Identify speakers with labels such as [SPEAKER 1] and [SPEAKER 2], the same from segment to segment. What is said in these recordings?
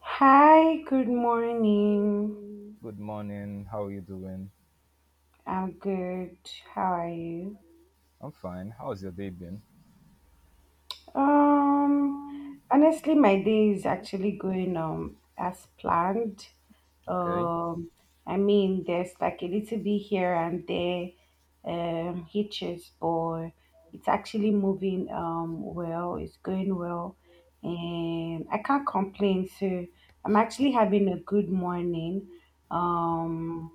[SPEAKER 1] Hi, good morning.
[SPEAKER 2] Good morning. How are you doing?
[SPEAKER 1] I'm good. How are you?
[SPEAKER 2] I'm fine. How's your day been?
[SPEAKER 1] Um, Honestly, my day is actually going as planned.
[SPEAKER 2] Okay.
[SPEAKER 1] Um, I mean, there's like a little bit here and there, hitches, but it's actually moving well. It's going well, and I can't complain. So I'm actually having a good morning. Um,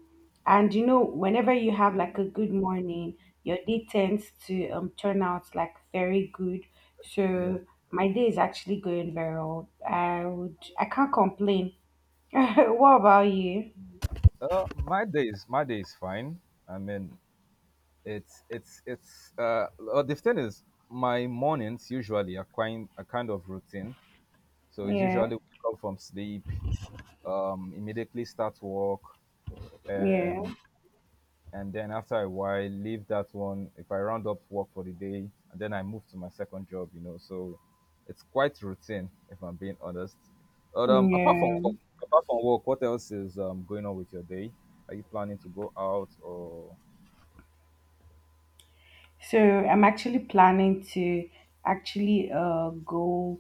[SPEAKER 1] and you know, whenever you have like a good morning, your day tends to turn out like very good
[SPEAKER 2] Yeah.
[SPEAKER 1] so my day is actually going very well. I can't complain. What about you?
[SPEAKER 2] My day is fine. I mean, it's the thing is, my mornings usually are quite a kind of routine. So it's
[SPEAKER 1] Yeah,
[SPEAKER 2] usually wake up from sleep, immediately start work,
[SPEAKER 1] yeah,
[SPEAKER 2] and and then after a while, leave that one. If I round up work for the day, and then I move to my second job. So it's quite routine, if I'm being honest. But apart from
[SPEAKER 1] yeah.
[SPEAKER 2] work, what else is going on with your day? Are you planning to go out or
[SPEAKER 1] So I'm actually planning to actually go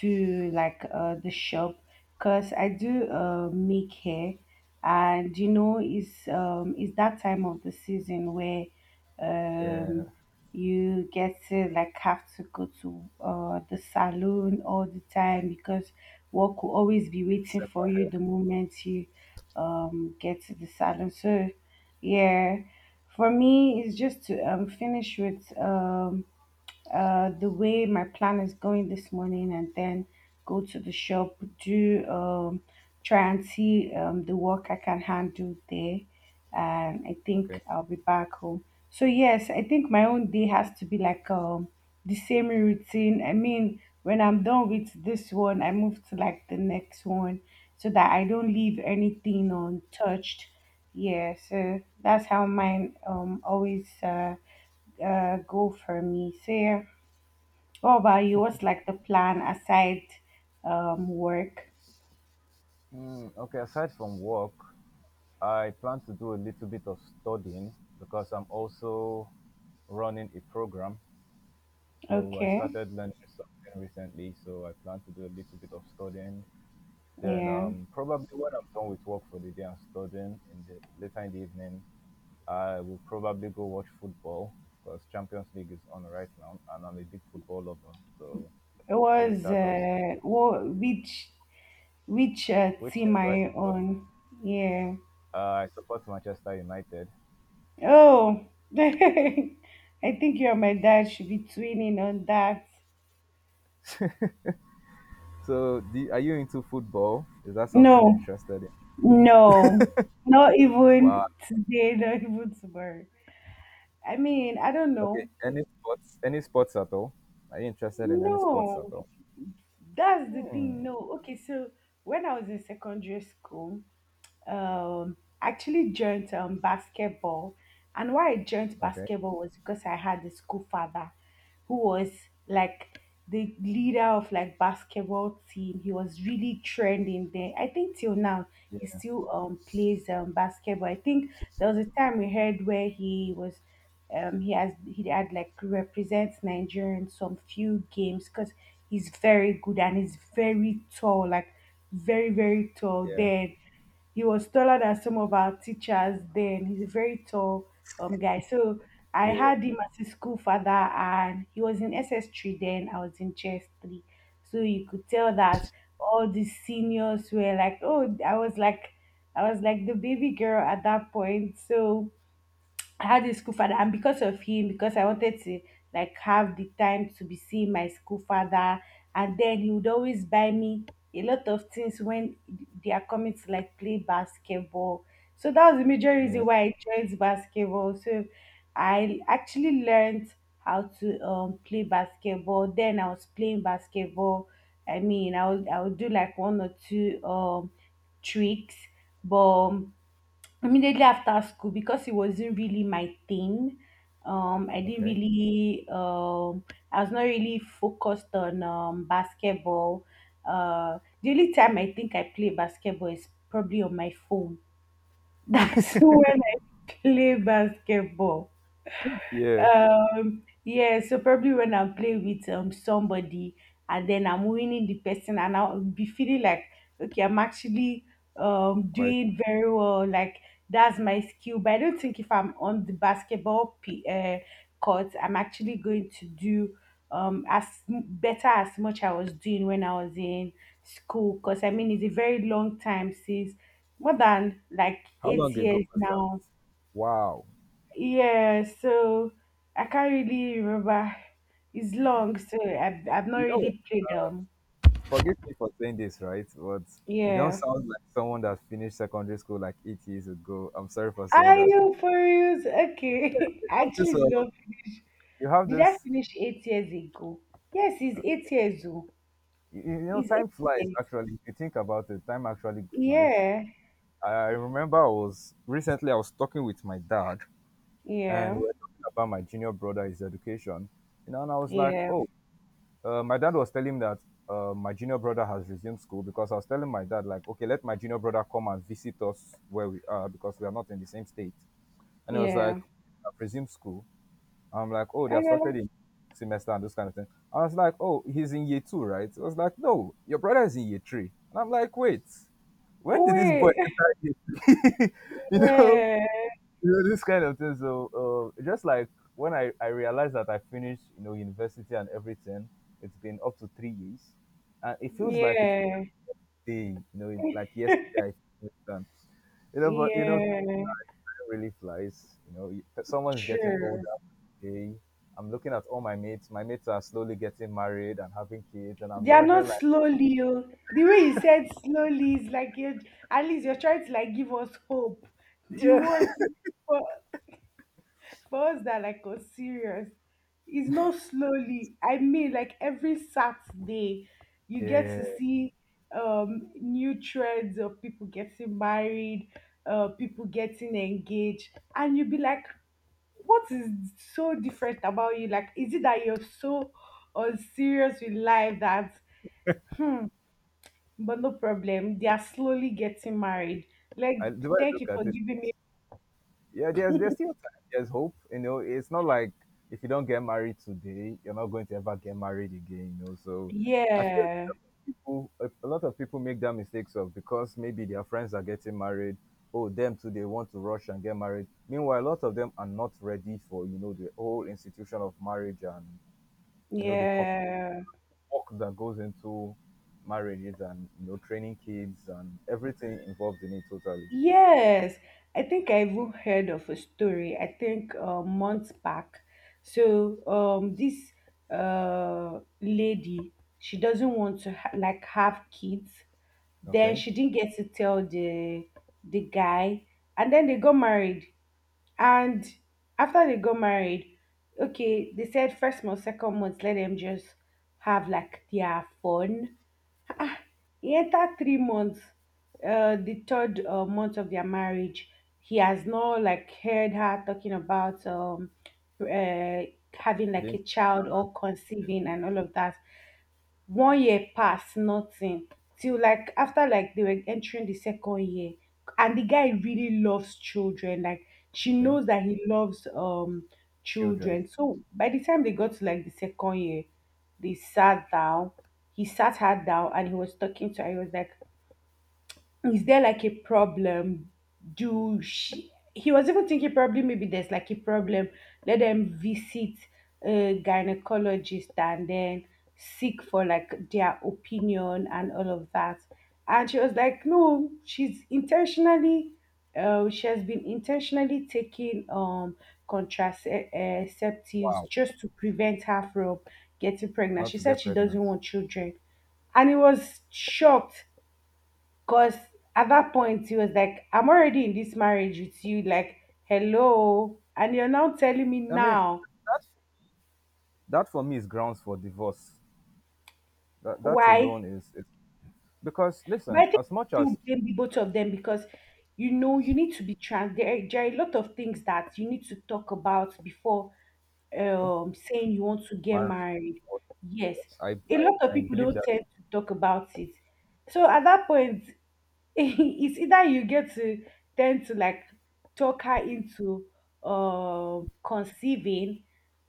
[SPEAKER 1] to like the shop because I do make hair, and you know, it's that time of the season where um,
[SPEAKER 2] yeah,
[SPEAKER 1] you get to like have to go to the salon all the time because work will always be waiting
[SPEAKER 2] step
[SPEAKER 1] for you
[SPEAKER 2] back?
[SPEAKER 1] the moment you get to the salon. So yeah. For me, it's just to finish with the way my plan is going this morning and then go to the shop, do try and see the work I can handle there. And I
[SPEAKER 2] Okay.
[SPEAKER 1] think I'll be back home. So, yes, I think my own day has to be like the same routine. I mean, when I'm done with this one, I move to like the next one so that I don't leave anything untouched. Yeah, so that's how mine always go for me. So, yeah. Oh, wow, you was like the plan aside work.
[SPEAKER 2] Hmm, okay, aside from work, I plan to do a little bit of studying because I'm also running a program. So I
[SPEAKER 1] Okay,
[SPEAKER 2] started learning something recently, so I plan to do a little bit of studying. Then
[SPEAKER 1] yeah.
[SPEAKER 2] probably when I'm done with work for the day and studying in the later in the evening, I will probably go watch football because Champions League is on right now, and I'm a big football lover. So
[SPEAKER 1] It
[SPEAKER 2] there's
[SPEAKER 1] was
[SPEAKER 2] that also.
[SPEAKER 1] which
[SPEAKER 2] Which team
[SPEAKER 1] team are
[SPEAKER 2] do I
[SPEAKER 1] you
[SPEAKER 2] support?
[SPEAKER 1] on? Yeah.
[SPEAKER 2] I support Manchester United.
[SPEAKER 1] Oh, I think you and my dad should be twinning on that.
[SPEAKER 2] So, are you into football? Is that something you're
[SPEAKER 1] No,
[SPEAKER 2] interested in?
[SPEAKER 1] no, not
[SPEAKER 2] Wow.
[SPEAKER 1] even today, not even tomorrow. I mean, I don't
[SPEAKER 2] Okay.
[SPEAKER 1] know.
[SPEAKER 2] Any sports? Any sports at all? Are you interested in any sports at
[SPEAKER 1] No,
[SPEAKER 2] all?
[SPEAKER 1] that's the thing.
[SPEAKER 2] Hmm.
[SPEAKER 1] No, okay. So when I was in secondary school, um, actually joined basketball. And why I joined
[SPEAKER 2] Okay.
[SPEAKER 1] basketball was because I had a school father who was like the leader of like basketball team. He was really trending there. I think till now he
[SPEAKER 2] Yeah.
[SPEAKER 1] still plays basketball. I think there was a time we heard where he was he had like represents Nigeria in some few games because he's very good and he's very tall, like very, very tall.
[SPEAKER 2] Yeah.
[SPEAKER 1] Then he was taller than some of our teachers then. He's a very tall guy. So I
[SPEAKER 2] Yeah.
[SPEAKER 1] had him as a school father and he was in S S 3 then. I was in chess 3. So you could tell that all the seniors were like, oh, I was like the baby girl at that point. So I had this school father, and because of him, because I wanted to like have the time to be seeing my school father, and then he would always buy me a lot of things when they are coming to like play basketball. So that was the major reason
[SPEAKER 2] Yeah.
[SPEAKER 1] why I joined basketball. So I actually learned how to play basketball. Then I was playing basketball. I mean, I would do like one or two tricks, but immediately after school because it wasn't really my thing I didn't
[SPEAKER 2] Okay.
[SPEAKER 1] really I was not really focused on basketball. The only time I think I play basketball is probably on my phone. That's when I play basketball.
[SPEAKER 2] Yeah.
[SPEAKER 1] Yeah, so probably when I'm playing with somebody and then I'm winning the person and I'll be feeling like okay I'm actually
[SPEAKER 2] Quite.
[SPEAKER 1] doing very well like that's my skill but I don't think if I'm on the court I'm actually going to do better as much I was doing when I was in school because I mean it's a very long time since more than like
[SPEAKER 2] How
[SPEAKER 1] eight
[SPEAKER 2] long ago
[SPEAKER 1] years
[SPEAKER 2] was that?
[SPEAKER 1] now.
[SPEAKER 2] Wow.
[SPEAKER 1] Yeah, so I can't really remember. It's long, so I've not
[SPEAKER 2] You know,
[SPEAKER 1] really played them.
[SPEAKER 2] forgive me for saying this, right? But you don't
[SPEAKER 1] Yeah.
[SPEAKER 2] sound like someone that finished secondary school like 8 years ago. I'm sorry for saying
[SPEAKER 1] Are
[SPEAKER 2] that.
[SPEAKER 1] you for reals? Okay.
[SPEAKER 2] You
[SPEAKER 1] I
[SPEAKER 2] have this.
[SPEAKER 1] actually did not finish.
[SPEAKER 2] You have
[SPEAKER 1] Did I
[SPEAKER 2] this.
[SPEAKER 1] finish 8 years ago? Yes, it's 8 years old.
[SPEAKER 2] You know,
[SPEAKER 1] It's eight
[SPEAKER 2] time flies.
[SPEAKER 1] years.
[SPEAKER 2] Actually, if you think about it, time actually flies.
[SPEAKER 1] Yeah.
[SPEAKER 2] I remember I was recently I was talking with my dad, and we
[SPEAKER 1] Yeah.
[SPEAKER 2] were talking about my junior brother, his education. You know, and I was like,
[SPEAKER 1] Yeah.
[SPEAKER 2] oh. My dad was telling me that my junior brother has resumed school because I was telling my dad, like, okay, let my junior brother come and visit us where we are because we are not in the same state. And he was like,
[SPEAKER 1] Yeah.
[SPEAKER 2] I've resumed school. I'm like, oh, they
[SPEAKER 1] I
[SPEAKER 2] have
[SPEAKER 1] got
[SPEAKER 2] started
[SPEAKER 1] like,
[SPEAKER 2] in semester and those kind of things. I was like, oh, he's in year two, right? I was like, no, your brother is in year three. And I'm like, wait, when did this boy
[SPEAKER 1] wait.
[SPEAKER 2] enter year three? you know,
[SPEAKER 1] Yeah.
[SPEAKER 2] you know this kind of thing, so just like when I realized that I finished university and everything, it's been up to 3 years and it feels like it's
[SPEAKER 1] Yeah.
[SPEAKER 2] a day. You know it, like yesterday I finished, and you know, but you know time
[SPEAKER 1] Yeah.
[SPEAKER 2] really flies. You know you- someone is getting
[SPEAKER 1] True.
[SPEAKER 2] older. Hey, I'm looking at all my mates are slowly getting married and having kids, and I'm
[SPEAKER 1] They are not
[SPEAKER 2] wondering like
[SPEAKER 1] slowly. Oh. The way you said slowly is like you're, at least you're trying to like give us hope. The
[SPEAKER 2] yeah.
[SPEAKER 1] one for, for us that like are serious. It's not slowly. I mean like every Saturday you get
[SPEAKER 2] Yeah.
[SPEAKER 1] to see new trends of people getting married, people getting engaged, and you would be like, what is so different about you? Like, is it that you're so unserious with life that hmm but no problem. They are slowly getting married. Like,
[SPEAKER 2] The way I
[SPEAKER 1] thank
[SPEAKER 2] look
[SPEAKER 1] you for
[SPEAKER 2] at it,
[SPEAKER 1] giving me.
[SPEAKER 2] yeah, there's still time. There's hope. You know, it's not like if you don't get married today, you're not going to ever get married again. You know, so I feel that
[SPEAKER 1] Yeah,
[SPEAKER 2] people, a lot of people make that mistakes of because maybe their friends are getting married. Oh, them too, they want to rush and get married. Meanwhile, a lot of them are not ready for the whole institution of marriage and you know
[SPEAKER 1] yeah,
[SPEAKER 2] work that goes into marriages, and you know training kids and everything involved in it totally.
[SPEAKER 1] yes. I think I even heard of a story. I think months back. So, this lady, she doesn't want to like have kids. Then
[SPEAKER 2] Okay,
[SPEAKER 1] she didn't get to tell the guy, and then they got married. And after they got married, okay, they said first month, second month, let them just have like their fun. Ah, he entered 3 months, the third month of their marriage. He has not like heard her talking about uh, having like
[SPEAKER 2] being
[SPEAKER 1] a child or conceiving and all of that 1 year pass nothing till like after like they were entering the second year and the guy really loves children like she
[SPEAKER 2] okay,
[SPEAKER 1] knows that he loves
[SPEAKER 2] children.
[SPEAKER 1] children, so by the time they got to like the second year they sat down, he sat her down and he was talking to her. He was like, is there like a problem? Do she? He was even thinking probably maybe there's like a problem. Let them visit a gynecologist and then seek for like their opinion and all of that. And she was like, no, she has been intentionally taking contraceptives
[SPEAKER 2] Wow.
[SPEAKER 1] just to prevent her from getting pregnant.
[SPEAKER 2] Not
[SPEAKER 1] She
[SPEAKER 2] to
[SPEAKER 1] said
[SPEAKER 2] get
[SPEAKER 1] she doesn't
[SPEAKER 2] pregnant.
[SPEAKER 1] want children, and he was shocked. Cause at that point he was like, I'm already in this marriage with you, like, hello. And you're now telling me
[SPEAKER 2] I mean,
[SPEAKER 1] now
[SPEAKER 2] that that for me is grounds for divorce. That
[SPEAKER 1] why.
[SPEAKER 2] alone, is it's because
[SPEAKER 1] But I
[SPEAKER 2] listen,
[SPEAKER 1] think
[SPEAKER 2] as
[SPEAKER 1] I
[SPEAKER 2] much
[SPEAKER 1] still
[SPEAKER 2] as
[SPEAKER 1] blame the both of them because you know you need to be trans there, there are a lot of things that you need to talk about before saying you want to get
[SPEAKER 2] marriage,
[SPEAKER 1] married. Yes. A lot of
[SPEAKER 2] I
[SPEAKER 1] people
[SPEAKER 2] believe
[SPEAKER 1] don't
[SPEAKER 2] that
[SPEAKER 1] tend to talk about it. So at that point, it's either you get to tend to like talk her into conceiving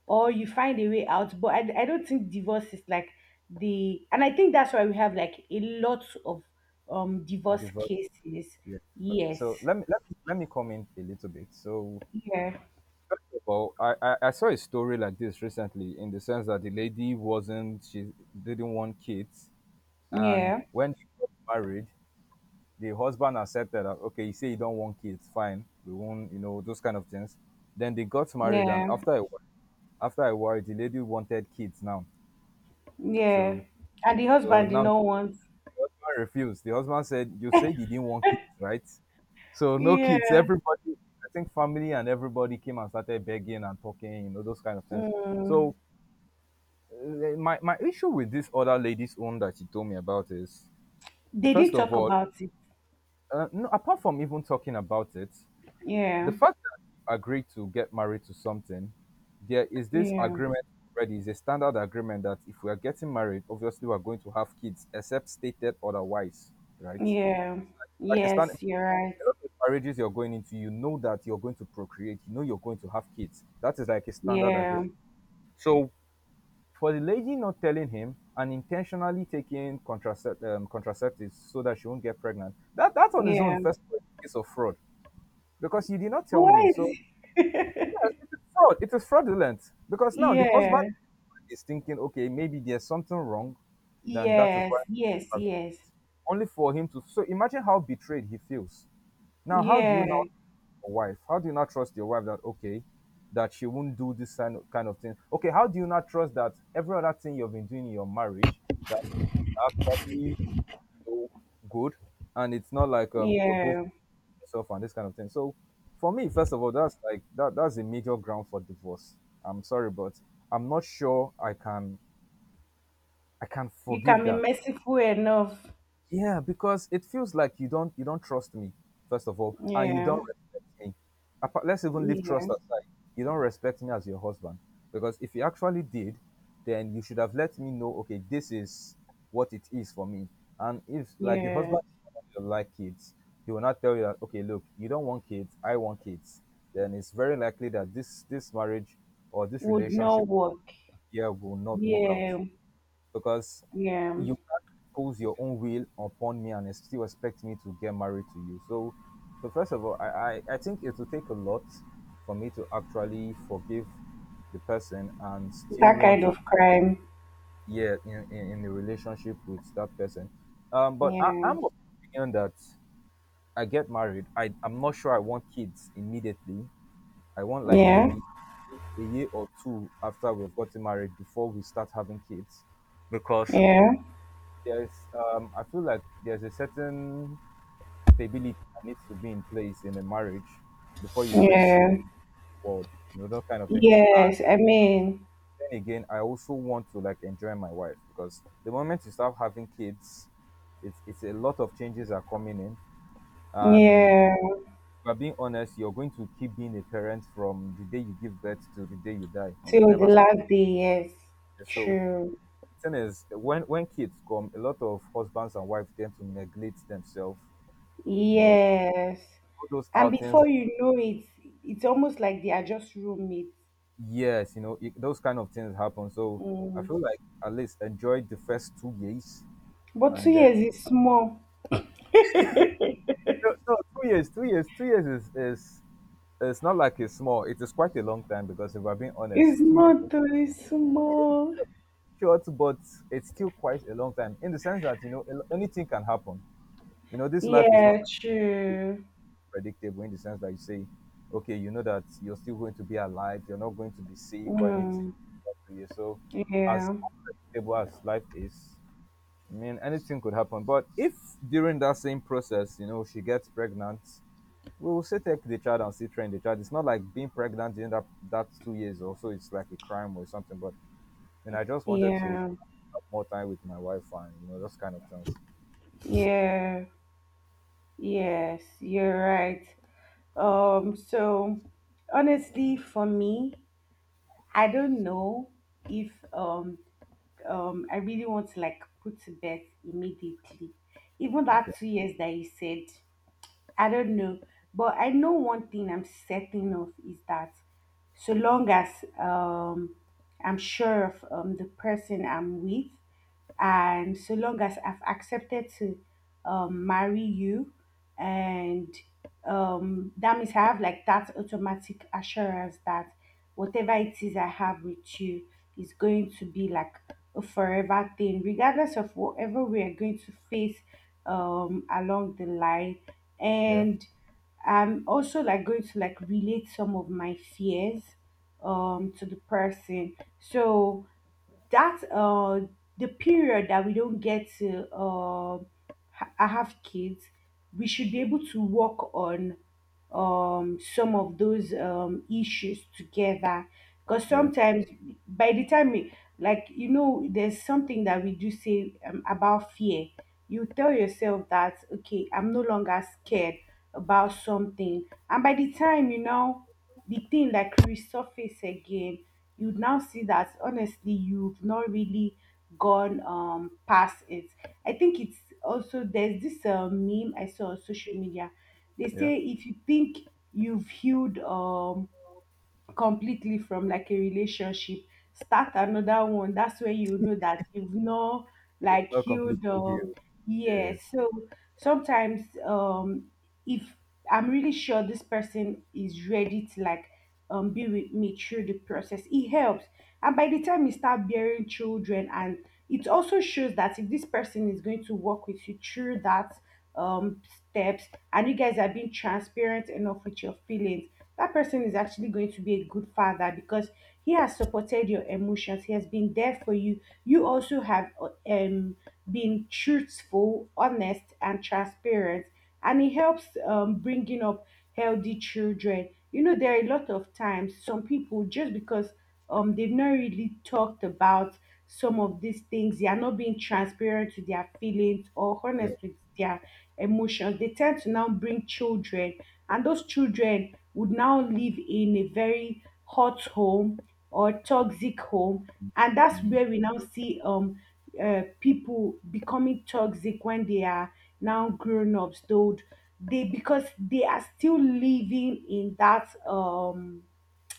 [SPEAKER 1] or you find a way out, but I don't think divorce is like the and I think that's why we have like a lot of divorce
[SPEAKER 2] divorce.
[SPEAKER 1] cases.
[SPEAKER 2] Yeah. Okay.
[SPEAKER 1] Yes.
[SPEAKER 2] So let me comment a little bit. So
[SPEAKER 1] Yeah,
[SPEAKER 2] first of all, I saw a story like this recently, in the sense that the lady wasn't, she didn't want kids, and
[SPEAKER 1] yeah,
[SPEAKER 2] when she got married, the husband accepted that okay, you say you don't want kids, fine, we won't, you know those kind of things. Then they got married, and
[SPEAKER 1] yeah,
[SPEAKER 2] after a while the lady wanted kids now.
[SPEAKER 1] yeah.
[SPEAKER 2] So
[SPEAKER 1] And the
[SPEAKER 2] so
[SPEAKER 1] husband did
[SPEAKER 2] now the
[SPEAKER 1] not want.
[SPEAKER 2] husband refused. The husband said you didn't want kids, right? So no
[SPEAKER 1] Yeah.
[SPEAKER 2] kids. Everybody, I think family and everybody came and started begging and talking, you know those kind of things.
[SPEAKER 1] Mm.
[SPEAKER 2] So uh, my issue with this other lady's own that she told me about is
[SPEAKER 1] They
[SPEAKER 2] first
[SPEAKER 1] did
[SPEAKER 2] of
[SPEAKER 1] talk
[SPEAKER 2] all
[SPEAKER 1] about it.
[SPEAKER 2] no, apart from even talking about it, the
[SPEAKER 1] Yeah.
[SPEAKER 2] fact that you agreed to get married to something, there is this
[SPEAKER 1] Yeah.
[SPEAKER 2] agreement already. It's a standard agreement that if we are getting married, obviously we're going to have kids, except stated otherwise, right?
[SPEAKER 1] Yeah.
[SPEAKER 2] Like a standard
[SPEAKER 1] Yes, you're right.
[SPEAKER 2] a lot of marriages you're going into, you know that you're going to procreate, you know you're going to have kids. That is like a standard
[SPEAKER 1] Yeah,
[SPEAKER 2] agreement. So for the lady not telling him and intentionally taking contraceptives so that she won't get pregnant, that that's on his own.
[SPEAKER 1] yeah.
[SPEAKER 2] First of all, is a case of fraud because you did not tell me.
[SPEAKER 1] Why
[SPEAKER 2] So
[SPEAKER 1] is
[SPEAKER 2] yeah, it is fraud. It is fraudulent because now the husband
[SPEAKER 1] Yeah,
[SPEAKER 2] is thinking, okay, maybe there's something wrong, then that is
[SPEAKER 1] yes,
[SPEAKER 2] why.
[SPEAKER 1] yes, yes.
[SPEAKER 2] Only for him to. So imagine how betrayed he feels. Now, how do you now
[SPEAKER 1] Yeah,
[SPEAKER 2] trust your wife? How do you not trust your wife that okay, that she won't do this kind of thing? Okay, how do you not trust that every other thing you've been doing in your marriage, that is actually, know, good, and it's not like you're both
[SPEAKER 1] yeah.
[SPEAKER 2] yourself and this kind of thing. So for me, first of all, that's like that's a major ground for divorce. I'm sorry, but I'm not sure I can
[SPEAKER 1] You can
[SPEAKER 2] forgive
[SPEAKER 1] be
[SPEAKER 2] that.
[SPEAKER 1] merciful enough.
[SPEAKER 2] Yeah, because it feels like you don't trust me first of all, and you
[SPEAKER 1] Yeah,
[SPEAKER 2] don't respect me. Let's even leave
[SPEAKER 1] yeah,
[SPEAKER 2] trust aside. You don't respect me as your husband because if you actually did, then you should have let me know. Okay, this is what it is for me. And if like the
[SPEAKER 1] yeah.
[SPEAKER 2] husband doesn't like kids, he will not tell you that. Okay, look, you don't want kids. I want kids. Then it's very likely that this marriage or this
[SPEAKER 1] Would
[SPEAKER 2] relationship
[SPEAKER 1] not work.
[SPEAKER 2] here will not work out
[SPEAKER 1] Yeah,
[SPEAKER 2] because
[SPEAKER 1] yeah.
[SPEAKER 2] you can't impose your own will upon me and still expect me to get married to you. So first of all, I think it will take a lot for me to actually forgive the person and still
[SPEAKER 1] That
[SPEAKER 2] want
[SPEAKER 1] kind
[SPEAKER 2] to be,
[SPEAKER 1] of crime.
[SPEAKER 2] yeah, in, a relationship with that person. But
[SPEAKER 1] Yeah,
[SPEAKER 2] I'm of the opinion that I get married. I'm not sure I want kids immediately. I want like
[SPEAKER 1] yeah,
[SPEAKER 2] maybe a year or two after we've gotten married before we start having kids because
[SPEAKER 1] yeah,
[SPEAKER 2] there's I feel like there's a certain stability that needs to be in place in a marriage before you bring kids
[SPEAKER 1] yeah.
[SPEAKER 2] forward, that kind of thing. And
[SPEAKER 1] Yes, I mean,
[SPEAKER 2] then again, I also want to like enjoy my wife because the moment you start having kids, it's a lot of changes are coming in. And if
[SPEAKER 1] yeah.
[SPEAKER 2] we're being honest, you're going to keep being a parent from the day you give birth to the day you die. You will
[SPEAKER 1] Till the
[SPEAKER 2] never stop.
[SPEAKER 1] last day, yes.
[SPEAKER 2] So
[SPEAKER 1] True.
[SPEAKER 2] the thing is, when kids come, a lot of husbands and wives tend to neglect themselves. You know,
[SPEAKER 1] Yes.
[SPEAKER 2] all those
[SPEAKER 1] And
[SPEAKER 2] outings,
[SPEAKER 1] before you know it, it's almost like they are just roommates.
[SPEAKER 2] yes, you know it, those kind of things happen. So I
[SPEAKER 1] Mm.
[SPEAKER 2] feel like at least enjoy the first 2 years
[SPEAKER 1] But two
[SPEAKER 2] and then
[SPEAKER 1] years is small.
[SPEAKER 2] no, no, 2 years, 2 years, 2 years is, it's not like it's small, it is quite a long time because if I'm being honest,
[SPEAKER 1] It's
[SPEAKER 2] 2 years
[SPEAKER 1] not too, it's small.
[SPEAKER 2] is short, but it's still quite a long time in the sense that you know a anything can happen. You know this life is not
[SPEAKER 1] Yeah, true.
[SPEAKER 2] predictable in the sense that you say okay, you know that you're still going to be alive, you're not going to be sick or anything
[SPEAKER 1] Mm.
[SPEAKER 2] like that to you. So as
[SPEAKER 1] Yeah,
[SPEAKER 2] unpredictable as life is, I mean, anything could happen. But if during that same process, she gets pregnant, we will still take the child and still train the child. It's not like being pregnant during that 2 years or so, it's like a crime or something. But I mean, I just wanted to
[SPEAKER 1] yeah,
[SPEAKER 2] have more time with my wife and those kind of things.
[SPEAKER 1] yeah. Yes, you're right. So honestly, for me, I don't know if I really want to like put to bed immediately. Even
[SPEAKER 2] Okay.
[SPEAKER 1] that 2 years that you said, I don't know. But I know one thing I'm certain of is that so long as um I'm sure of the person I'm with, and so long as I've accepted to marry you, and that means I have like that automatic assurance that whatever it is I have with you is going to be like a forever thing, regardless of whatever we are going to face along the line.
[SPEAKER 2] Yeah.
[SPEAKER 1] And I'm also like going to like relate some of my fears to the person. So that the period that we don't get to I have kids, we should be able to work on some of those issues together. Because
[SPEAKER 2] Yeah.
[SPEAKER 1] sometimes by the time we, like you know, there's something that we do say about fear. You tell yourself that, okay, I'm no longer scared about something, and by the time, you know, the thing like resurface again, you would now see that honestly you've not really gone past it. I think it's also there's this meme I saw on social media. They
[SPEAKER 2] Yeah.
[SPEAKER 1] say if you think you've healed completely from like a relationship, start another one. That's where you know that you've not
[SPEAKER 2] Yeah.
[SPEAKER 1] like
[SPEAKER 2] Not
[SPEAKER 1] healed.
[SPEAKER 2] completely healed.
[SPEAKER 1] Yeah,
[SPEAKER 2] Yes.
[SPEAKER 1] so sometimes, if I'm really sure this person is ready to like be with me through the process, it helps. And by the time you start bearing children, and it also shows that if this person is going to work with you through that, um steps, and you guys are being transparent enough with your feelings, that person is actually going to be a good father because he has supported your emotions, he has been there for you, you also have been truthful, honest and transparent. And it helps bringing up healthy children. You know, there are a lot of times some people, just because they've not really talked about some of these things, they are not being transparent to their feelings or honest
[SPEAKER 2] Yeah.
[SPEAKER 1] with their emotions, they tend to now bring children, and those children would now live in a very hot home or toxic home. And that's
[SPEAKER 2] Mm.
[SPEAKER 1] where we now see people becoming toxic when they are now grown ups. Though they, because they are still living in that,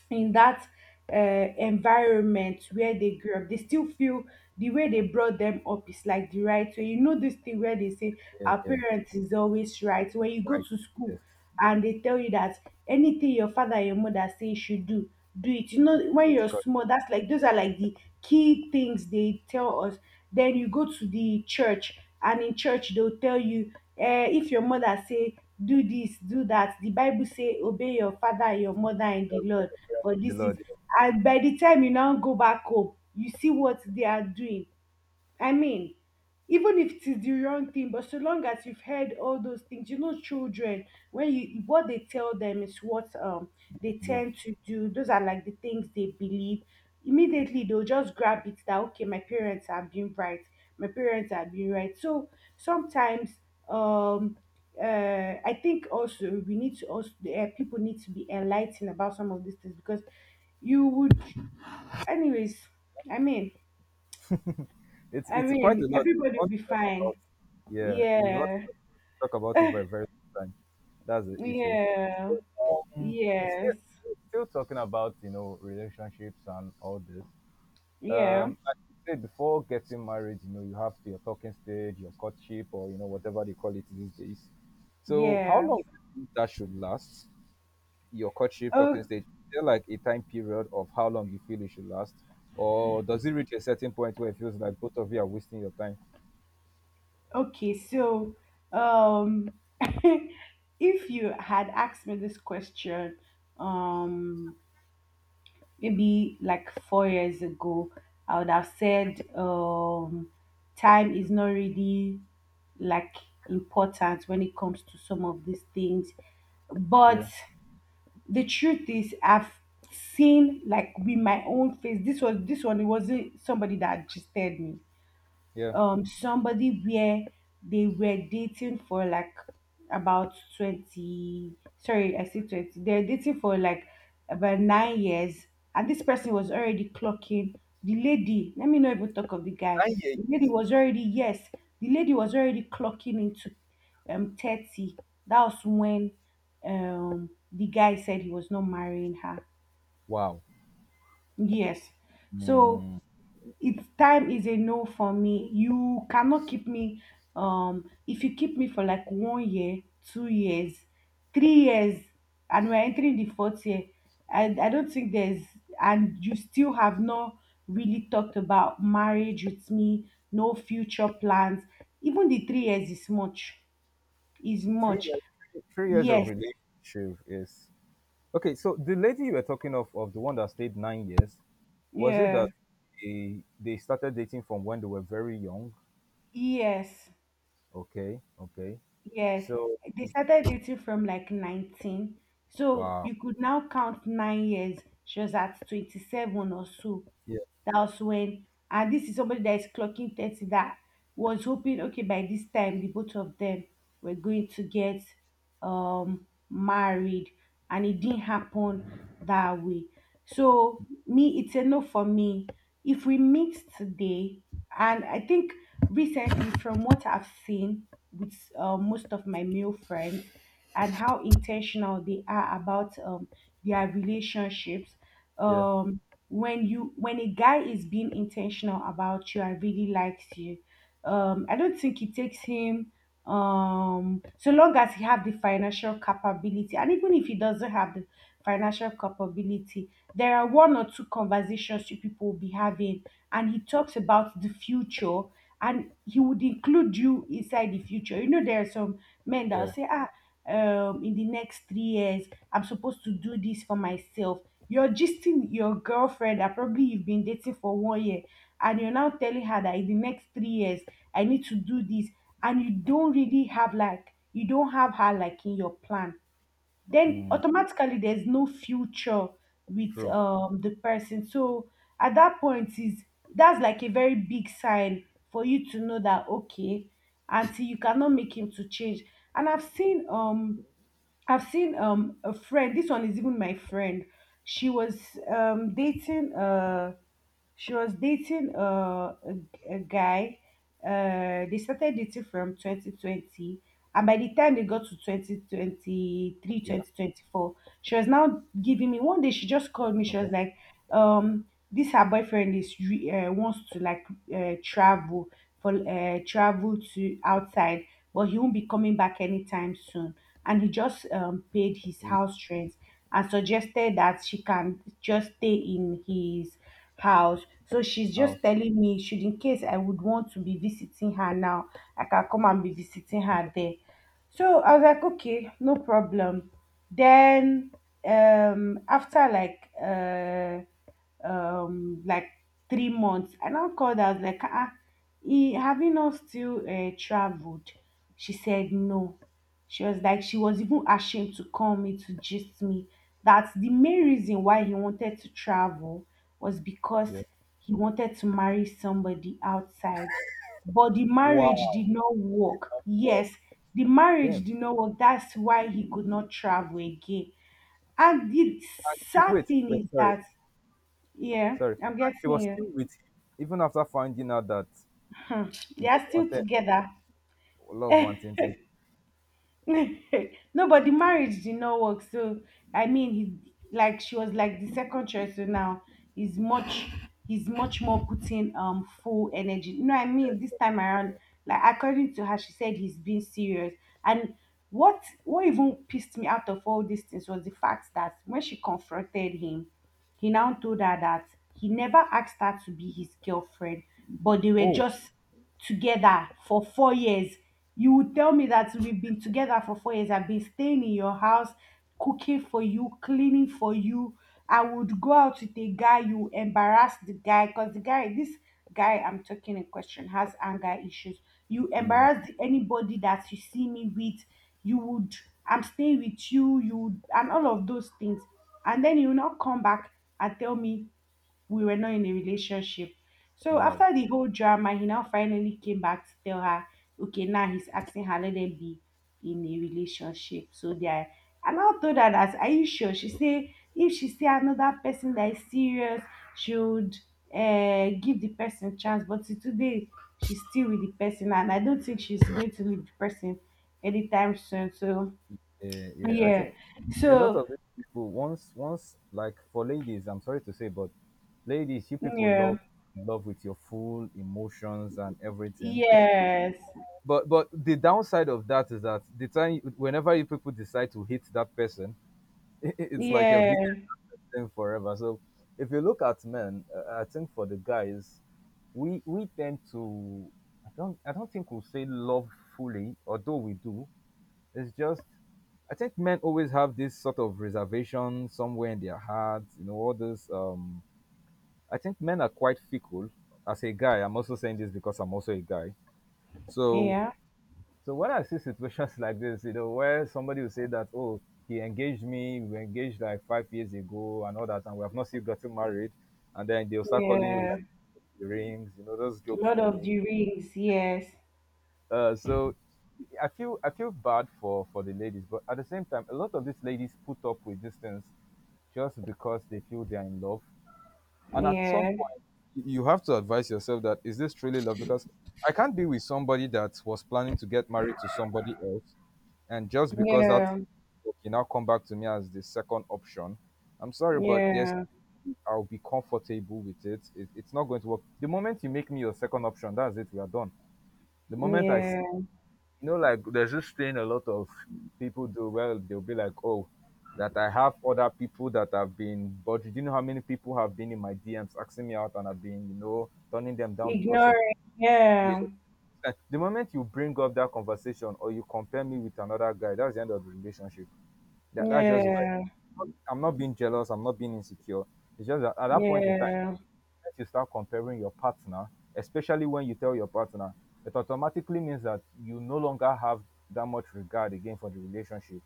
[SPEAKER 1] in that uh, environment where they grew up, they still feel the way they brought them up is like the right way. You know, this thing where they say,
[SPEAKER 2] Yeah.
[SPEAKER 1] our
[SPEAKER 2] Yeah.
[SPEAKER 1] parents is always right. When you go
[SPEAKER 2] Right.
[SPEAKER 1] to school,
[SPEAKER 2] Yes.
[SPEAKER 1] and they tell you that anything your father and your mother say you should do, do it. You know, when
[SPEAKER 2] It's
[SPEAKER 1] you're
[SPEAKER 2] correct.
[SPEAKER 1] small, that's like, those are like the key things they tell us. Then you go to the church, and in church they'll tell you, eh, if your mother say do this, do that, the Bible say obey your father and your mother and the Lord, but
[SPEAKER 2] The
[SPEAKER 1] this is...
[SPEAKER 2] Lord.
[SPEAKER 1] And by the time you now go back home, you see what they are doing, I mean, even if it is the wrong thing, but so long as you've heard all those things, you know, children, when you, what they tell them is what they
[SPEAKER 2] Yeah.
[SPEAKER 1] tend to do, those are like the things they believe. Immediately they'll just grab it that, okay, my parents have been right, my parents have been right. So sometimes, um I think also we need to also, people need to be enlightened about some of these things because you would, anyways, i mean i
[SPEAKER 2] It's quite
[SPEAKER 1] mean
[SPEAKER 2] a lot. You
[SPEAKER 1] everybody will
[SPEAKER 2] want
[SPEAKER 1] be
[SPEAKER 2] to talk
[SPEAKER 1] fine.
[SPEAKER 2] about, yeah, you want
[SPEAKER 1] Yeah.
[SPEAKER 2] to talk about it for a very long time. That's the issue.
[SPEAKER 1] Yeah.
[SPEAKER 2] So, um, still
[SPEAKER 1] Yes.
[SPEAKER 2] still talking about relationships and all this.
[SPEAKER 1] Yeah.
[SPEAKER 2] Like you said, before getting married, you know you have your talking stage, your courtship, or you know whatever they call it these days. So how
[SPEAKER 1] Yeah.
[SPEAKER 2] long do you think that should last? Your courtship
[SPEAKER 1] Oh,
[SPEAKER 2] talking stage? Is there like a time period of how long you feel it should last? Or does it reach a certain point where it feels like both of you are wasting your time?
[SPEAKER 1] okay, so um if you had asked me this question um maybe like 4 years ago, I would have said time is not really like important when it comes to some of these things, but...
[SPEAKER 2] Yeah,
[SPEAKER 1] The truth is, I've seen like with my own face. This was, this one, it wasn't somebody that gisted me.
[SPEAKER 2] yeah.
[SPEAKER 1] Somebody where they were dating for like about 20, sorry, I said 20, they're dating for like about 9 years, and this person was already clocking, the lady, let me not even talk of the guy,
[SPEAKER 2] 9 years.
[SPEAKER 1] the lady was already, yes, the lady was already clocking into 30. That was when the guy said he was not marrying her.
[SPEAKER 2] Wow.
[SPEAKER 1] Yes. So
[SPEAKER 2] Mm,
[SPEAKER 1] it's, time is a no for me. You cannot keep me if you keep me for like 1 year, 2 years, 3 years and we're entering the fourth year. I don't think there's, and you still have not really talked about marriage with me, no future plans. Even the 3 years is much is
[SPEAKER 2] three
[SPEAKER 1] much
[SPEAKER 2] years, three years of
[SPEAKER 1] Yes.
[SPEAKER 2] relationship is okay. So the lady you were talking of the one that stayed 9 years, was it
[SPEAKER 1] Yeah.
[SPEAKER 2] that they started dating from when they were very young?
[SPEAKER 1] Yes.
[SPEAKER 2] Okay, okay.
[SPEAKER 1] Yes,
[SPEAKER 2] So
[SPEAKER 1] they started dating from like 19. So
[SPEAKER 2] wow.
[SPEAKER 1] you could now count 9 years. She was at 27 or so.
[SPEAKER 2] Yeah,
[SPEAKER 1] That was when, and this is somebody that is clocking 30, that was hoping, okay, by this time, the both of them were going to get married. And it didn't happen that way. So, me, it's a no for me. If we meet today, and I think recently, from what I've seen with most of my male friends and how intentional they are about their relationships,
[SPEAKER 2] yeah,
[SPEAKER 1] um, when a guy is being intentional about you and really likes you, I don't think it takes him, so long as he have the financial capability, and even if he doesn't have the financial capability, there are one or two conversations you people will be having, and he talks about the future, and he would include you inside the future. You know, there are some men that will
[SPEAKER 2] yeah.
[SPEAKER 1] say, ah, in the next 3 years I'm supposed to do this for myself. You're gisting your girlfriend that probably you've been dating for 1 year, and you're now telling her that in the next 3 years, I need to do this, and you don't really have like, you don't have her like in your plan. Then automatically there's no future with
[SPEAKER 2] True.
[SPEAKER 1] the person. So at that point is, that's like a very big sign for you to know that, okay, until you cannot make him to change. And I've seen a friend. This one is even my friend. She was um dating uh she was dating a guy. They started dating from 2020. And by the time they got to 2023,
[SPEAKER 2] Yeah.
[SPEAKER 1] 2024, she was now giving me one day. She just called me. She
[SPEAKER 2] Okay.
[SPEAKER 1] was like, um, this her boyfriend is wants to like uh, travel travel to outside, but he won't be coming back anytime soon. And he just paid his
[SPEAKER 2] With
[SPEAKER 1] house rent and suggested that she can just stay in his house. So she's just
[SPEAKER 2] house.
[SPEAKER 1] telling me should in case I would want to be visiting her now, I can come and be visiting
[SPEAKER 2] Okay.
[SPEAKER 1] her there. So I was like, okay, no problem. Then after like 3 months. And I now called her, I was like, ah, he, have you not still traveled? She said no. She was like, she was even ashamed to call me to gist me. That the main reason why he wanted to travel was because
[SPEAKER 2] Yeah.
[SPEAKER 1] he wanted to marry somebody outside. But the marriage
[SPEAKER 2] Wow.
[SPEAKER 1] did not
[SPEAKER 2] Did
[SPEAKER 1] work.
[SPEAKER 2] not work.
[SPEAKER 1] Yes, the marriage
[SPEAKER 2] Damn.
[SPEAKER 1] did not work. That's why he could not travel again. And the
[SPEAKER 2] And she,
[SPEAKER 1] sad
[SPEAKER 2] wait,
[SPEAKER 1] thing
[SPEAKER 2] wait.
[SPEAKER 1] is
[SPEAKER 2] Sorry,
[SPEAKER 1] that, yeah,
[SPEAKER 2] sorry.
[SPEAKER 1] I'm
[SPEAKER 2] And she
[SPEAKER 1] getting
[SPEAKER 2] was still
[SPEAKER 1] you.
[SPEAKER 2] with him even after finding out that
[SPEAKER 1] Hmm. They
[SPEAKER 2] he
[SPEAKER 1] are still
[SPEAKER 2] wanted.
[SPEAKER 1] together.
[SPEAKER 2] Love wanting thing.
[SPEAKER 1] No, but the marriage did not work. So I mean, he like she was like the second choice. So now he's much he's much more putting full energy. You know what I mean? This time around, like according to her, she said he's being serious. And what even pissed me out of all these things was the fact that when she confronted him, he now told her that he never asked her to be his girlfriend, but they were
[SPEAKER 2] Oh,
[SPEAKER 1] just together for 4 years. You would tell me that we've been together for 4 years. I've been staying in your house, cooking for you, cleaning for you. I would go out with a guy, you embarrass the guy, because the guy, this guy I'm talking in question, has anger issues. You
[SPEAKER 2] yeah.
[SPEAKER 1] embarrass anybody that you see me with. You would, I'm staying with you, you, and all of those things, and then you will not come back and tell me we were not in a relationship. So
[SPEAKER 2] Wow.
[SPEAKER 1] after the whole drama, he now finally came back to tell her, okay, now he's asking her, let them be in a relationship. So they are, I now told her that, are you sure? She said, if she see another person that is serious, she would give the person chance. But till today, she's still with the person, and I don't think she's going to leave the person anytime soon. So
[SPEAKER 2] Yeah, yeah. I
[SPEAKER 1] yeah.
[SPEAKER 2] think a lot
[SPEAKER 1] So
[SPEAKER 2] of these people, once like, for ladies, I'm sorry to say, but ladies, you people
[SPEAKER 1] yeah,
[SPEAKER 2] love with your full emotions and everything.
[SPEAKER 1] yes,
[SPEAKER 2] But the downside of that is that the time whenever you people decide to hate that person, it's like you've hated
[SPEAKER 1] yes.
[SPEAKER 2] them forever. So if you look at men, I think for the guys, we tend to, I don't think we'll say love fully, although we do. It's just, I think men always have this sort of reservation somewhere in their hearts, you know, all this. I think men are quite fickle. As a guy, I'm also saying this because I'm also a guy. So,
[SPEAKER 1] Yeah.
[SPEAKER 2] so when I see situations like this, you know, where somebody will say that, oh, he engaged me, we engaged like 5 years ago and all that, and we have not still gotten married, and then they'll start calling you,
[SPEAKER 1] Yeah.
[SPEAKER 2] like, the rings, you know, those
[SPEAKER 1] A
[SPEAKER 2] jokes
[SPEAKER 1] lot
[SPEAKER 2] they
[SPEAKER 1] of
[SPEAKER 2] make.
[SPEAKER 1] the rings. Yes.
[SPEAKER 2] So I feel bad for the ladies, but at the same time, a lot of these ladies put up with these things just because they feel they are in love. And at some
[SPEAKER 1] Yeah.
[SPEAKER 2] point, you have to advise yourself, that is this truly love? Because I can't be with somebody that was planning to get married to somebody else, and just because that,
[SPEAKER 1] Yeah.
[SPEAKER 2] you now come back to me as the second option. I'm sorry, but yes,
[SPEAKER 1] Yeah.
[SPEAKER 2] I'll be comfortable with it. It's not going to work. The moment you make me your second option, that's it. We are done. The moment I see,
[SPEAKER 1] Yeah.
[SPEAKER 2] you know, like, there's this thing a lot of people do. Well, they'll be like, "Oh, that I have other people that have been, but do you know how many people have been in my DMs asking me out, and I've been, you know, turning them down because of
[SPEAKER 1] Ignoring.
[SPEAKER 2] yeah."
[SPEAKER 1] Yeah.
[SPEAKER 2] Eh, the moment you bring up that conversation or you compare me with another guy, that's the end of the relationship. That's just where,
[SPEAKER 1] Yeah.
[SPEAKER 2] I'm not being jealous. I'm not being insecure. It's just that at that point in time
[SPEAKER 1] Yeah.
[SPEAKER 2] you start comparing your partner, especially when you tell your partner, it automatically means that you no longer have that much regard again for the relationship.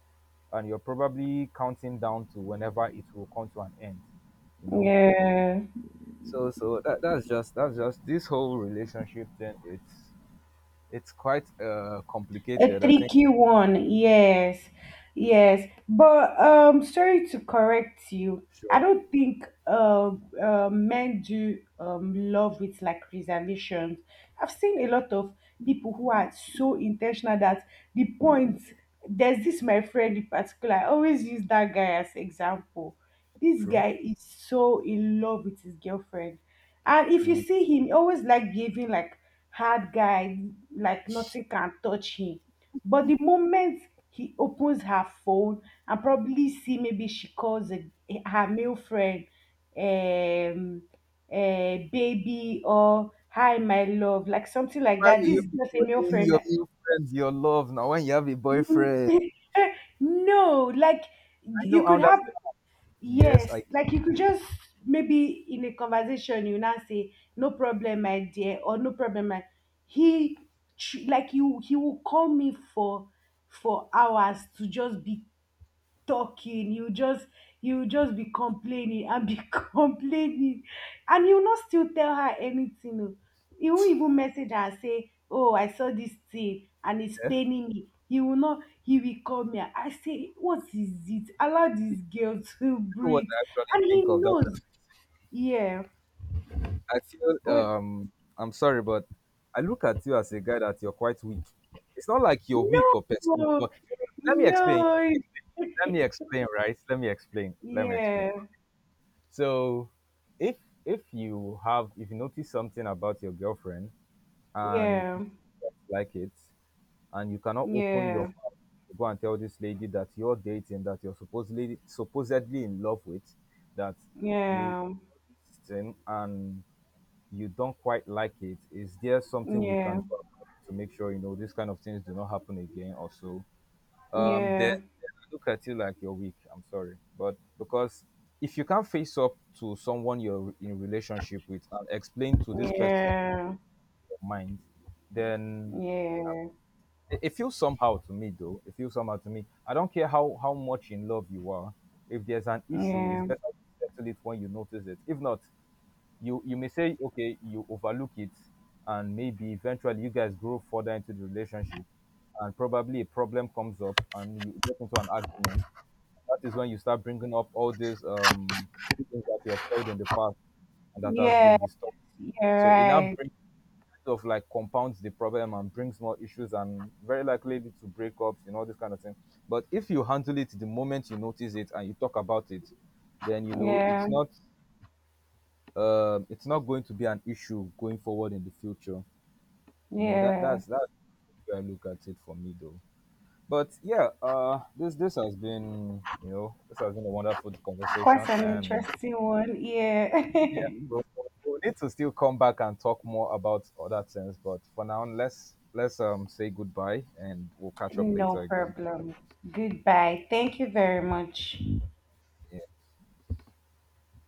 [SPEAKER 2] And you're probably counting down to whenever it will come to an end, you know?
[SPEAKER 1] Yeah.
[SPEAKER 2] So that's just, this whole relationship thing. It's quite
[SPEAKER 1] A
[SPEAKER 2] complicated, I think.
[SPEAKER 1] tricky one, yes, yes. But sorry to correct you. I
[SPEAKER 2] Sure.
[SPEAKER 1] don't think men do love with like reservations. I've seen a lot of people who are so intentional that the point, there's this my friend in particular. I always use that guy as example. This
[SPEAKER 2] True.
[SPEAKER 1] guy is so in love with his girlfriend, and if you
[SPEAKER 2] Mm.
[SPEAKER 1] see him, he always like giving like hard guy, like nothing can touch him, but the moment he opens her phone and probably see maybe she calls her male friend, um, baby or hi my love, like something like
[SPEAKER 2] Why
[SPEAKER 1] that.
[SPEAKER 2] will
[SPEAKER 1] This
[SPEAKER 2] you
[SPEAKER 1] is
[SPEAKER 2] be
[SPEAKER 1] just a male
[SPEAKER 2] calling
[SPEAKER 1] friend.
[SPEAKER 2] your new friends your love now when you have a boyfriend?
[SPEAKER 1] No, like,
[SPEAKER 2] I
[SPEAKER 1] you
[SPEAKER 2] know
[SPEAKER 1] could
[SPEAKER 2] how
[SPEAKER 1] have...
[SPEAKER 2] that's. Yes,
[SPEAKER 1] Yes,
[SPEAKER 2] I
[SPEAKER 1] like, you could just maybe in a conversation you now say, no problem, my dear, or no problem, my... he like you he will call me for hours to just be talking, you just be complaining and be complaining, and you not still tell her anything, o. You won't even message her and say, oh, I saw this thing and it's
[SPEAKER 2] care.
[SPEAKER 1] paining me, you will not, he will call me, I say, what is it, allow
[SPEAKER 2] You
[SPEAKER 1] this girl to
[SPEAKER 2] know what
[SPEAKER 1] breathe.
[SPEAKER 2] I actually
[SPEAKER 1] And he
[SPEAKER 2] think of that,
[SPEAKER 1] knows. Yeah.
[SPEAKER 2] I feel,
[SPEAKER 1] Oh.
[SPEAKER 2] I'm sorry, but I look at you as a guy that you're quite weak. It's not like you're
[SPEAKER 1] No,
[SPEAKER 2] weak or perceived, but let me explain.
[SPEAKER 1] no.
[SPEAKER 2] Let me explain, right? Let me explain. Let me explain.
[SPEAKER 1] Yeah.
[SPEAKER 2] So if if you have, if you notice something about your girlfriend and
[SPEAKER 1] Yeah.
[SPEAKER 2] you like it and you cannot open your
[SPEAKER 1] Yeah.
[SPEAKER 2] mouth to go and tell this lady that you're dating, that you're supposedly in love with, that you
[SPEAKER 1] Yeah.
[SPEAKER 2] this thing and you don't quite like it, is there something we can
[SPEAKER 1] Yeah.
[SPEAKER 2] do about it to make sure, you know, these kind of things do not happen again or so? Then
[SPEAKER 1] Yeah.
[SPEAKER 2] I look at you like you're weak. I'm sorry, but because if you can't face up to someone you're in relationship with and explain to this person
[SPEAKER 1] Yeah,
[SPEAKER 2] your mind, then
[SPEAKER 1] yeah,
[SPEAKER 2] it feels somehow to me, though. It feels somehow to me. I don't care how much in love you are. If there's an issue, it's
[SPEAKER 1] yeah,
[SPEAKER 2] better you settle it when you notice it. If not, you may say, okay, you overlook it, and maybe eventually you guys grow further into the relationship, and probably a problem comes up and you get into an argument. That is when you start bringing up all these things that you have held in the past and that has
[SPEAKER 1] yeah,
[SPEAKER 2] been disturbed,
[SPEAKER 1] you're
[SPEAKER 2] so it now
[SPEAKER 1] right.
[SPEAKER 2] brings, kind of like, compounds the problem and brings more issues, and very likely lead to breakups and all this kind of thing. But if you handle it the moment you notice it and you talk about it, then you know it's
[SPEAKER 1] Yeah,
[SPEAKER 2] not, it's not going to be an issue going forward in the future. You know, that
[SPEAKER 1] yeah.
[SPEAKER 2] that's that's where I look at it for me, though. But yeah, this has been, you know, this has been a wonderful
[SPEAKER 1] Quite
[SPEAKER 2] conversation,
[SPEAKER 1] an
[SPEAKER 2] and
[SPEAKER 1] interesting one. Yeah.
[SPEAKER 2] yeah, we we'll we'll need to still come back and talk more about other things. But for now, let's say goodbye, and we'll catch up
[SPEAKER 1] No
[SPEAKER 2] later again.
[SPEAKER 1] problem. Goodbye. Thank you very much.